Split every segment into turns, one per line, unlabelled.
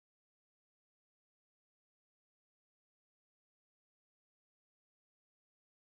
This episode is for anyone who still remembers their first office ID card,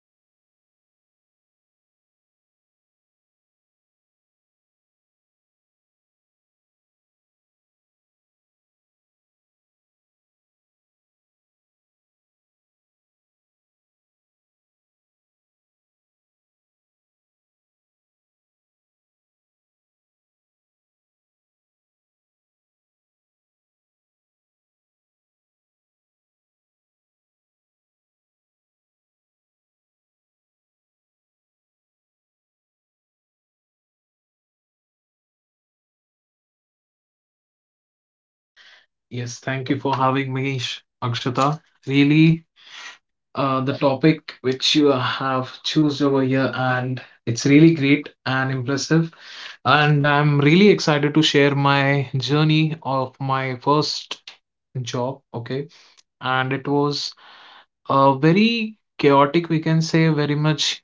their first salary credit, and their first silent breakdown in the washroom or on the way home. Your first job doesn't just teach you work, it teaches you life. So, today we are talking about surviving your first job, the excitement, the fear, the mistakes, the pressure, and most importantly, the lessons nobody warned us about. So, with me today is Shubham, someone who has lived through the chaos of starting out, not perfectly, but honestly. Hi, Shubham.
Yes, thank you for having me, Akshata. Really, the topic which you have choose over here, and it's really great and impressive. And I'm really excited to share my journey of my first job. Okay, and it was very chaotic. We can say very much,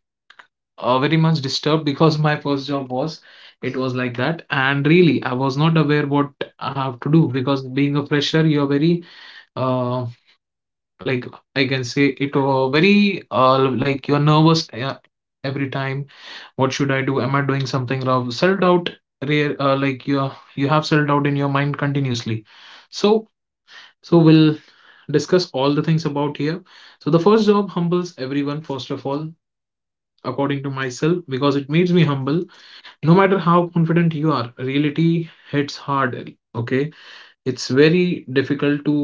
very much disturbed because my first job was. It was like that, and really, I was not aware what I have to do because being a fresher, you're very um like I can say it very like you're nervous every time. What should I do? Am I doing something wrong? Self doubt, rare like you have self doubt in your mind continuously. So so we'll discuss all the things about here. So the first job humbles everyone first of all, according to myself, because it makes me humble. No matter how confident you are, reality hits hard. Okay, it's very difficult to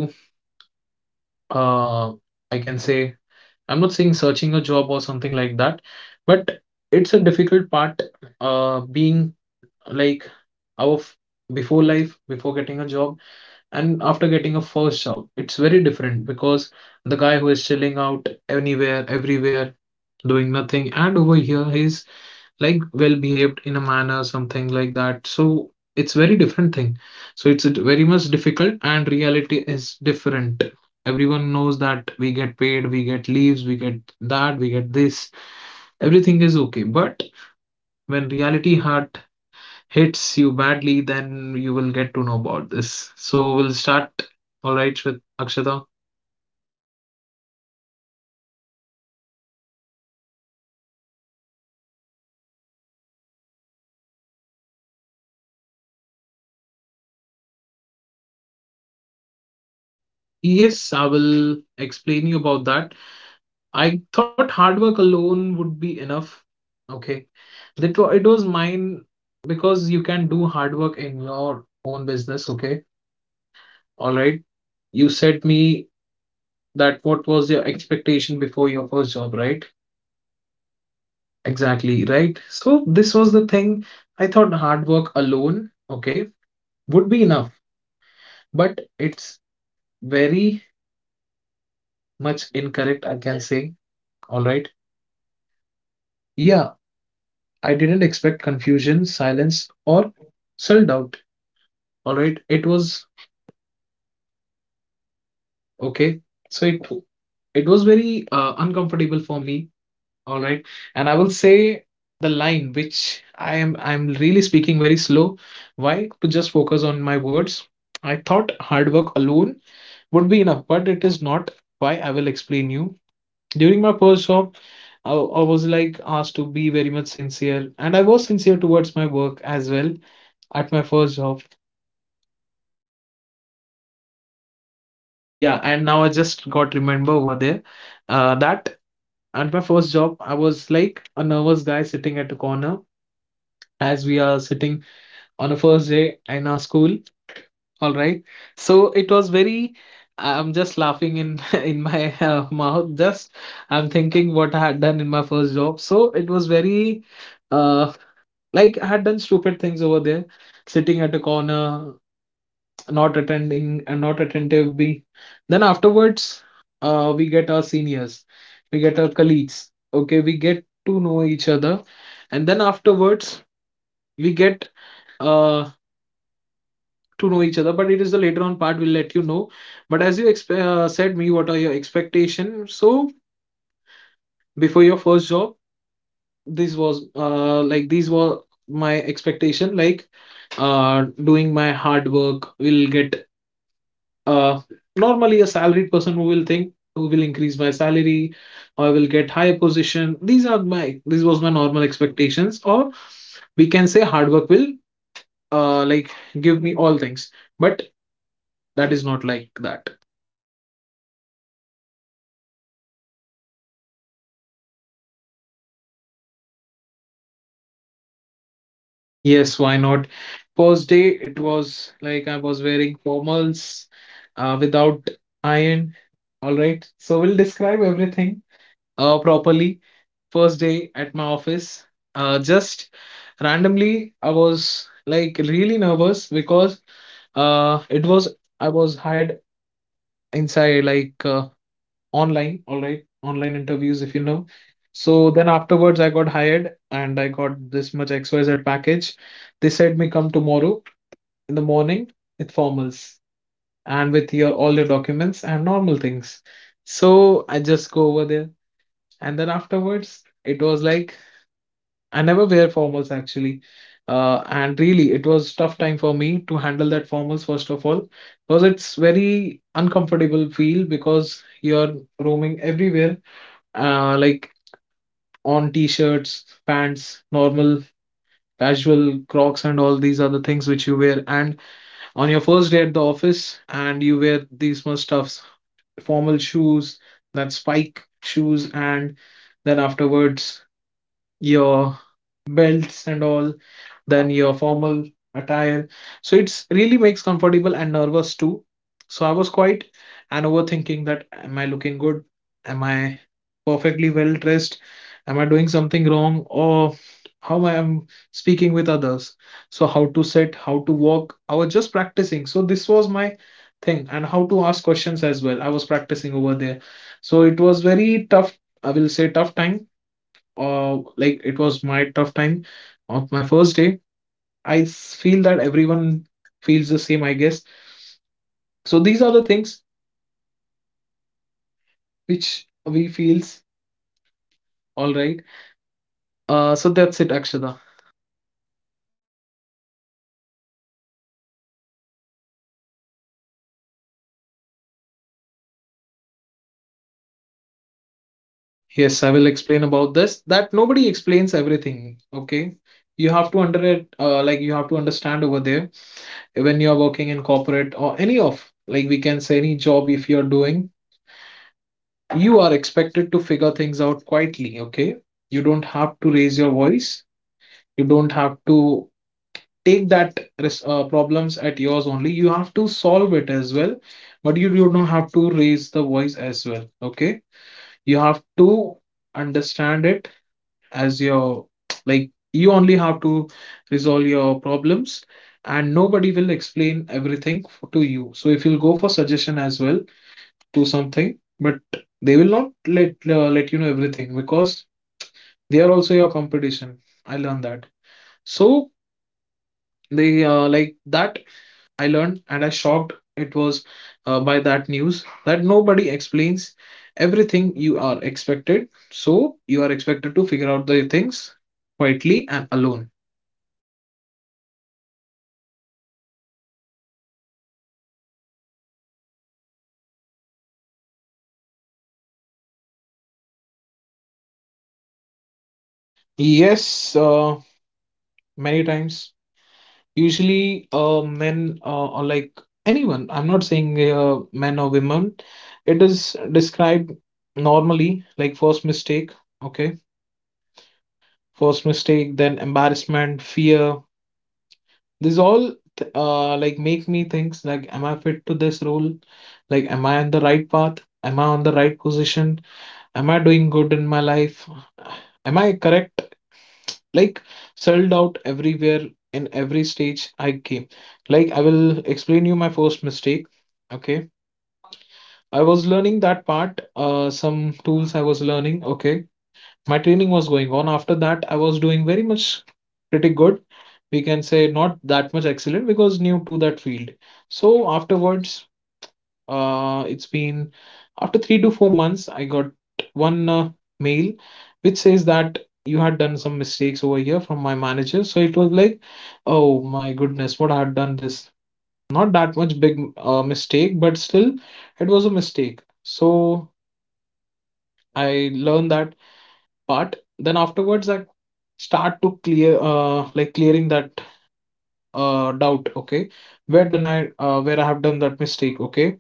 uh I can say I'm not saying searching a job or something like that, but it's a difficult part being like our f- before life, before getting a job, and after getting a first job. It's very different because the guy who is chilling out anywhere, everywhere, doing nothing, and over here he's like well behaved in a manner something like that, so it's very different thing. So it's very much difficult and reality is different. Everyone knows that we get paid, we get leaves, we get that, we get this, everything is okay, but when reality heart hits you badly, then you will get to know about this. So we'll start all right with Akshata.
And that's exactly where our conversation begins, the first day. So, what were your expectations before your first job, Shubham?
Yes, I will explain you about that. I thought hard work alone would be enough. Okay. That wa It was mine because you can do hard work in your own business. Okay. All right. You said me that what was your expectation before your first job, right? Exactly, right? So this was the thing. I thought hard work alone, okay, would be enough, but it's very much incorrect, I can say. All right. Yeah, I didn't expect confusion, silence, or self-doubt. All right. It was okay. So it It was very uncomfortable for me. All right, and I will say the line which I'm really speaking very slow. Why? To just focus on my words. I thought hard work alone would be enough, but it is not. Why? I will explain you. During my first job, I was like asked to be very much sincere, and I was sincere towards my work as well at my first job. Yeah, and now I just got remember over there that at my first job, I was like a nervous guy sitting at a corner as we are sitting on a first day in our school. All right. So it was very, I'm just laughing in in my mouth. Just I'm thinking what I had done in my first job. So it was very, uh, like I had done stupid things over there, sitting at a corner, not attending and not attentive. We Then afterwards, we get our seniors, we get our colleagues, okay, we get to know each other, and then afterwards we get uh, to know each other, but it is the later on part, we'll let you know. But as you said me, what are your expectations, so before your first job, this was like these were my expectation, like doing my hard work will get. Uh, normally, a salaried person who will think, who will increase my salary, I will get higher position. These are my This was my normal expectations, or we can say hard work will like give me all things. But that is not like that.
That's great. That's great, Shivam. So, can you describe your first day at your work?
Yes, why not? First day, it was like I was wearing formals without iron. All right, so we'll describe everything properly. First day at my office. Just randomly, I was like really nervous because it was I was hired inside online, all right, online interviews, if you know. So then afterwards, I got hired and I got this much XYZ package. They said me come tomorrow in the morning with formals and with your all your documents and normal things. So I just go over there, and then afterwards it was like I never wear formals actually. And really, it was tough time for me to handle that formals first of all, because it's very uncomfortable feel because you're roaming everywhere, like on t-shirts, pants, normal, casual, Crocs, and all these other things which you wear. And on your first day at the office, and you wear these much stuffs, formal shoes, that spike shoes, and then afterwards your belts and all, then your formal attire. So it's really makes comfortable and nervous too. So I was quite and overthinking that, am I looking good? Am I perfectly well dressed? Am I doing something wrong? Or how I am speaking with others? So how to sit, how to walk. I was just practicing. So this was my thing, and how to ask questions as well. I was practicing over there. So it was very tough, I will say tough time, like it was my tough time of my first day. Feel that everyone feels the same, I guess. So these are the things which we feels, all right. So that's it, Akshada.
That's great. So, Shivam, what shocked you the most when you started working?
Yes, I will explain about this. That nobody explains everything. Okay, you have to under it. Like you have to understand over there, when you are working in corporate or any of like, we can say, any job if you are doing, you are expected to figure things out quietly. Okay, you don't have to raise your voice. You don't have to take that problems at yours only. You have to solve it as well, but you do not have to raise the voice as well. Okay, you have to understand it as your like you only have to resolve your problems, and nobody will explain everything to you. So if you'll go for suggestion as well to something, but they will not let you know everything, because they are also your competition. I learned that. So they like that, I learned and I shocked. It was by that news that nobody explains everything. You are expected. So you are expected to figure out the things quietly and alone.
That's great. So, was there a moment when you thought maybe I'm not made for this?
Yes, many times. Usually, men or like anyone, I'm not saying men or women, it is described normally like first mistake, okay? First mistake, then embarrassment, fear, this all like make me think like, am I fit to this role? Like, am I on the right path? Am I on the right position? Am I doing good in my life? Am I correct? Like, sold out everywhere, in every stage I came. Like, I will explain you my first mistake. Okay, I was learning that part. Some tools I was learning. Okay, my training was going on. After that, I was doing very much pretty good, we can say not that much excellent, because new to that field. So afterwards, it's been after 3 to 4 months, I got one mail which says that you had done some mistakes over here, from my manager. So it was like, oh my goodness, what I had done this. Not that much big mistake, but still, it was a mistake. So I learned that part. Then afterwards, I start to clear, like clearing that doubt, okay, where did I where I have done that mistake, okay,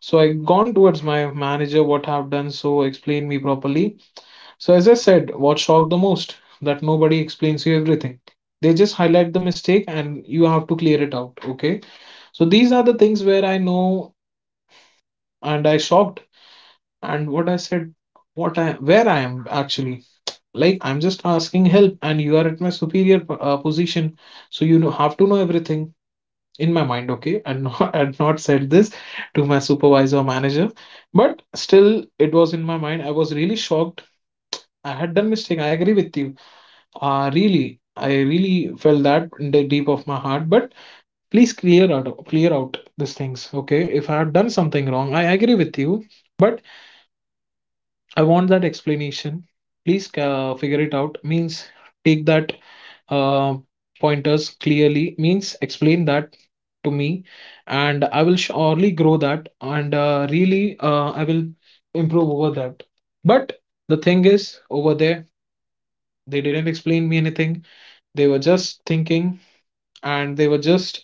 so I gone towards my manager, what I've done, so explain me properly. So as I said, what shocked the most, that nobody explains you everything. They just highlight the mistake and you have to clear it out. Okay. So these are the things where I know and I shocked and what I said, what I where I am actually. Like I'm just asking help and you are at my superior position, so you know have to know everything. In my mind, okay, and not, I had not said this to my supervisor or manager, but still it was in my mind. I was really shocked. I had done mistake. I agree with you. Really, I really felt that in the deep of my heart. But please clear out these things, okay? If I have done something wrong, I agree with you. But I want that explanation. Please figure it out. Means take that uh, pointers clearly. Means explain that to me, and I will surely grow that. And really, I will improve over that. But the thing is, over there, they didn't explain me anything. They were just thinking, and they were just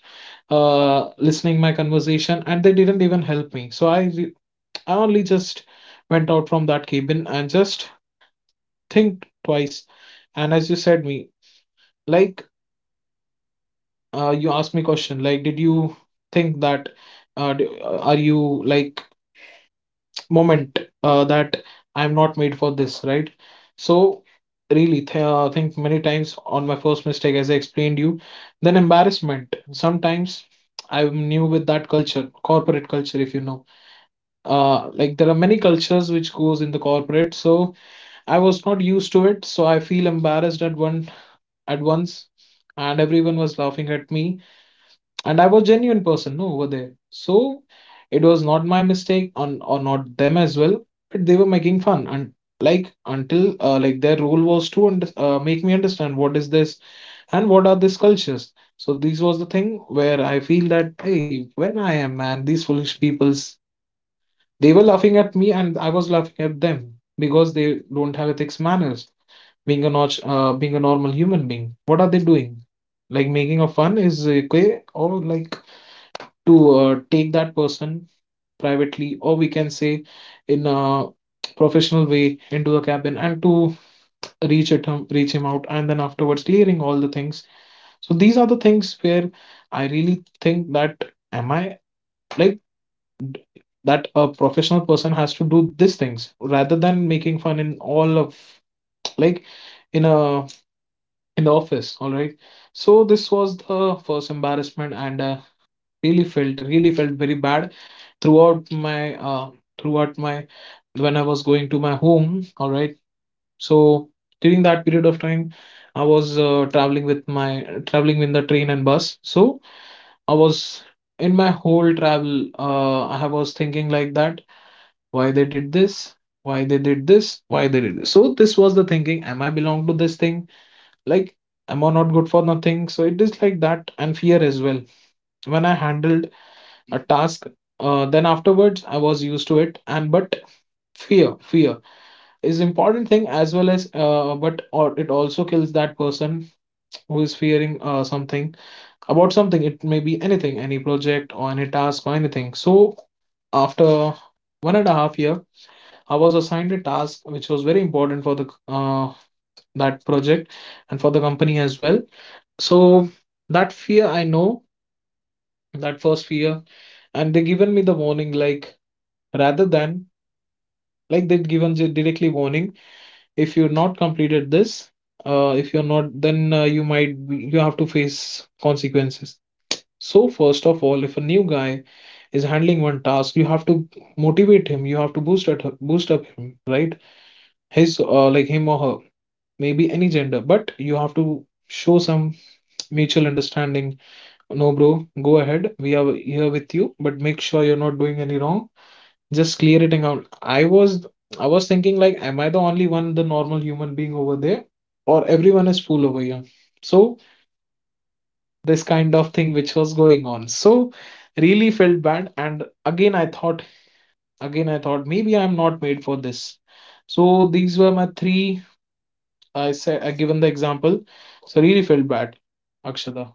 listening my conversation, and they didn't even help me. So I I only just went out from that cabin and just think twice and as you said me like you asked me question like did you think that are you like moment that I'm not made for this, right? So really think many times on my first mistake as I explained you, then embarrassment sometimes. I'm new with that culture, corporate culture, if you know, like there are many cultures which goes in the corporate. So I was not used to it, so I feel embarrassed at one at once, and everyone was laughing at me, and I was genuine person, no, over there. So it was not my mistake on or not them as well, but they were making fun, and like until like their role was to make me understand what is this and what are these cultures. So this was the thing where I feel that, hey, when I am man these foolish peoples, they were laughing at me and I was laughing at them, because they don't have ethics manners, being a being a normal human being. What are they doing? Like making a fun is okay, or like to take that person privately, or we can say in a professional way into the cabin and to reach it him, reach him out, and then afterwards clearing all the things. So these are the things where I really think that, am I like that a professional person has to do these things rather than making fun in all of, like, in a, in the office, all right? So this was the first embarrassment, and really felt very bad throughout my throughout my, when I was going to my home, all right? So during that period of time, I was traveling with my traveling in the train and bus. So I was, in my whole travel, I was thinking like that, why they did this, why they did this. So this was the thinking, am I belong to this thing? Like, am I not good for nothing? So it is like that, and fear as well. When I handled a task, then afterwards I was used to it, and but fear is important thing as well, as but or it also kills that person who is fearing something about something. It may be anything, any project or any task or anything. So after 1.5 year I was assigned a task which was very important for the that project and for the company as well. So that fear I know, that first fear, and they given me the warning, like, rather than, like, they'd given directly warning, if you're not completed this, if you're not, then you you have to face consequences. So first of all, if a new guy is handling one task, you have to motivate him, you have to boost up him, right? His, like him or her, maybe any gender, but you have to show some mutual understanding. No, bro, go ahead. We are here with you, but make sure you're not doing any wrong. Just clear it out. I was thinking like, am I the only one, the normal human being over there, or everyone is fool over here? So this kind of thing which was going on. So really felt bad, and again I thought maybe I'm not made for this. So these were my three. I said I given the example. So really felt bad, Akshada.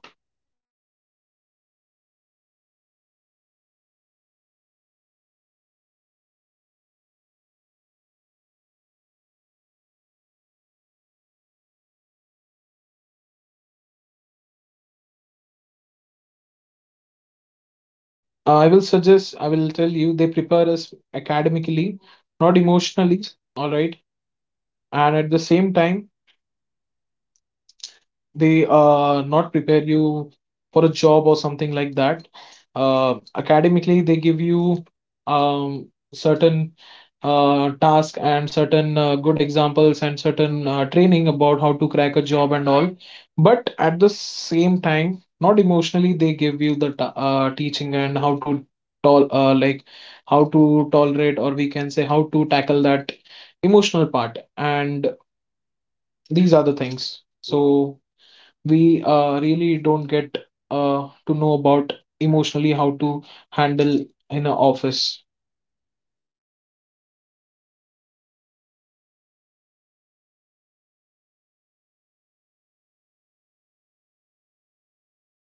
This was really a wonderful experience that you have shared with us, Shubham. So, like, two colleagues really, like, two colleges really prepare us for jobs?
I will suggest, I will tell you, they prepare us academically, not emotionally, all right? And at the same time, they not prepare you for a job or something like that. Academically, they give you um, certain task and certain good examples and certain training about how to crack a job and all. But at the same time, not emotionally, they give you the teaching and how to tol like how to tolerate, or we can say how to tackle that emotional part. And these are the things. So we really don't get to know about emotionally how to handle in an office.
That's great. That's great, Shivam. So, what kind of pressure hits hardest in the first job, according to you?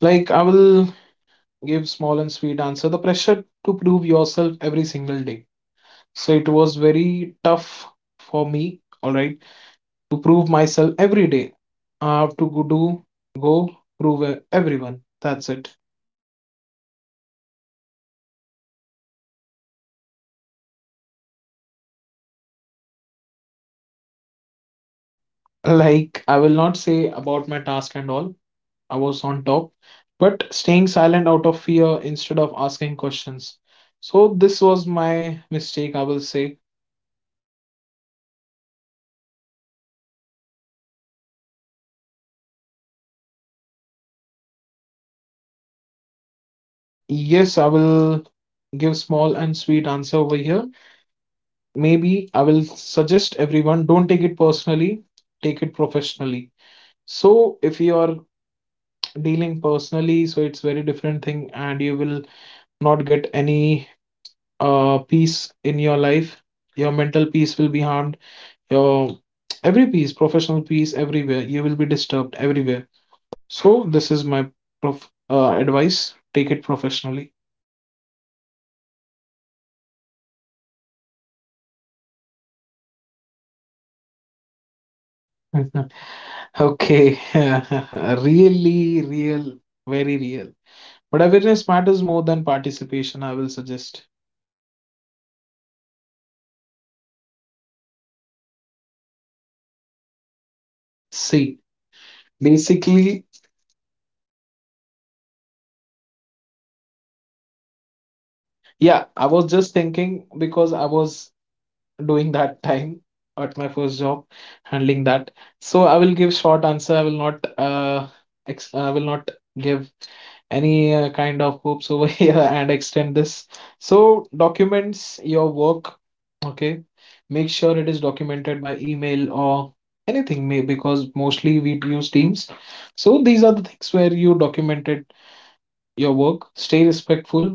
Like, I will give small and sweet answer. The pressure to prove yourself every single day. So it was very tough for me. All right, to prove myself every day. I have to go prove everyone. That's it.
Okay, and let's talk about mistakes. So, what was your biggest one?
Like, I will not say about my task and all, I was on top, but staying silent out of fear instead of asking questions. So this was my mistake, I will say.
And how should how should freshers deal with criticism?
Yes, I will give small and sweet answer over here. Maybe I will suggest everyone, don't take it personally, take it professionally. So if you are dealing personally, so it's very different thing, and you will not get any peace in your life. Your mental peace will be harmed. Your every piece, professional piece, everywhere. You will be disturbed everywhere. So this is my prof advice. Take it professionally.
Okay, and talking about office politics, is it real or exaggerated?
Okay, really real, very real. But awareness matters more than participation, I will suggest.
And how would you handle a toxic manager or a colleague?
See, basically, yeah, I was just thinking because I was doing that time at my first job, handling that. So I will give short answer. I will not I will not give any kind of hoops over here and extend this. So documents your work, okay? Make sure it is documented by email or anything, may, because mostly we use Teams. So these are the things where you documented your work. Stay respectful,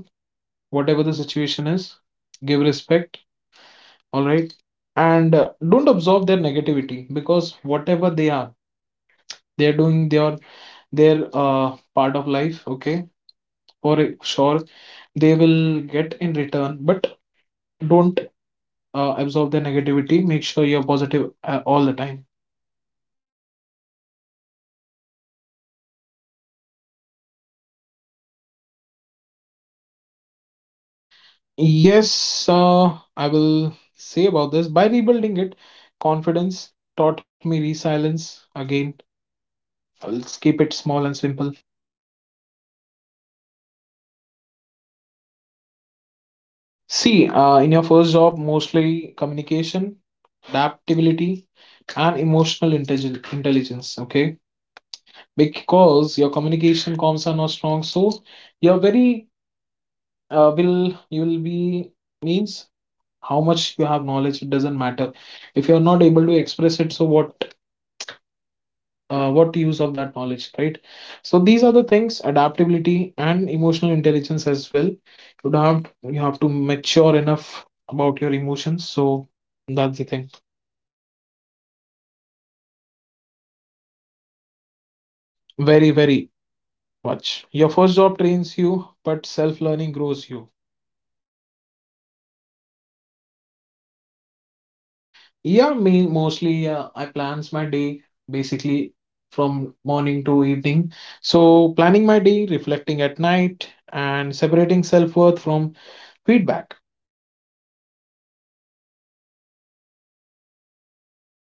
whatever the situation is. Give respect, all right, and don't absorb their negativity, because whatever they are, they're doing their uh, part of life, okay? For sure they will get in return, but don't absorb their negativity. Make sure you're positive all the time.
And how did your confidence take a hit in your first job?
Yes, uh, I will say about this by rebuilding it. Confidence taught me resilience. Again, let's keep it small and simple.
And what skills matter most in the first job?
See, in your first job, mostly communication, adaptability, and emotional intelligence, okay? Because your communication comms are not strong, so you're very, will you will be, means, how much you have knowledge, it doesn't matter. If you're not able to express it, so what use of that knowledge, right? So these are the things, adaptability and emotional intelligence as well. You have to mature enough about your emotions. So that's the thing.
And how important is learning outside office hours?
Very
Very, very
very.
much.
Watch.
Your
Your first
first job
job
trains
trains you,
you, but
but
self
self
learning
learning
grows
grows
you.
you.
And what daily habits helped you survive?
Yeah, me mostly, I plans my day basically from morning to evening. So planning my day, reflecting at night, and separating self worth from feedback.
And is it okay to feel lost even after getting a job?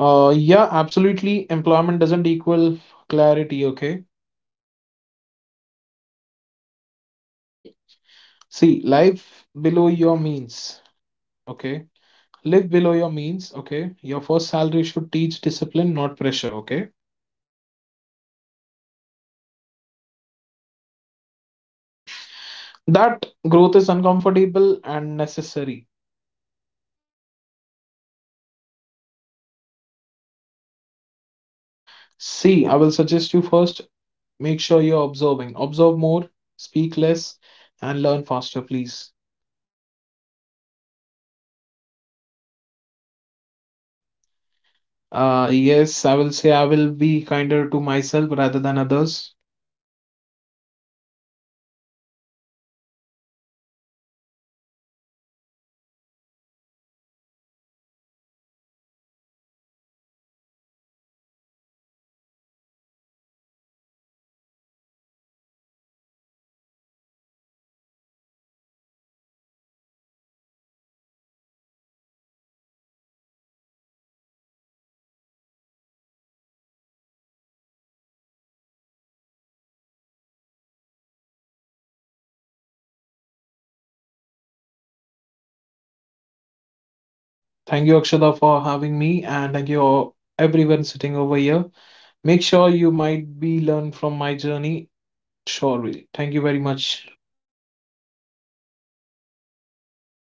Yeah, absolutely. Employment doesn't equal clarity. Okay.
And how should freshers manage salary and lifestyle?
Child. See, life below your means. Okay. Live below your means. Okay. Your first salary should teach discipline, not pressure. Okay.
Okay, and what did your first job teach you about your
Life.
life?
That growth is uncomfortable and necessary.
And what advice would you give someone starting next week?
See,
See,
I
I
will
will suggest
suggest you
you
first
first make
make sure
sure
you're
you're.
observing. Observe more, speak less, and learn faster, please.
And would you change anything about your first job journey? Uh,
Yes,
yes,
I
I
will
will
say
say
I
I
will
will
be
be
kinder
kinder
to
to
myself
myself
rather
rather
than
than others.
others.
Okay, so your first job is not about perfection, it's about exposure. You'll feel small, you'll feel confused, you'll feel behind. And that's absolutely normal. Your first job doesn't define your future, it actually introduces you to reality. If you're surviving, you're learning. If you're learning, you're growing. So, this was First Job Diaries. And if you are at the beginning, trust me, you'll be okay. Thank you so much, Shibam.
Thank you, Akshada, for having me, and thank you all, everyone sitting over here. Make sure you might be learned from my journey. Sure will. Thank you very much.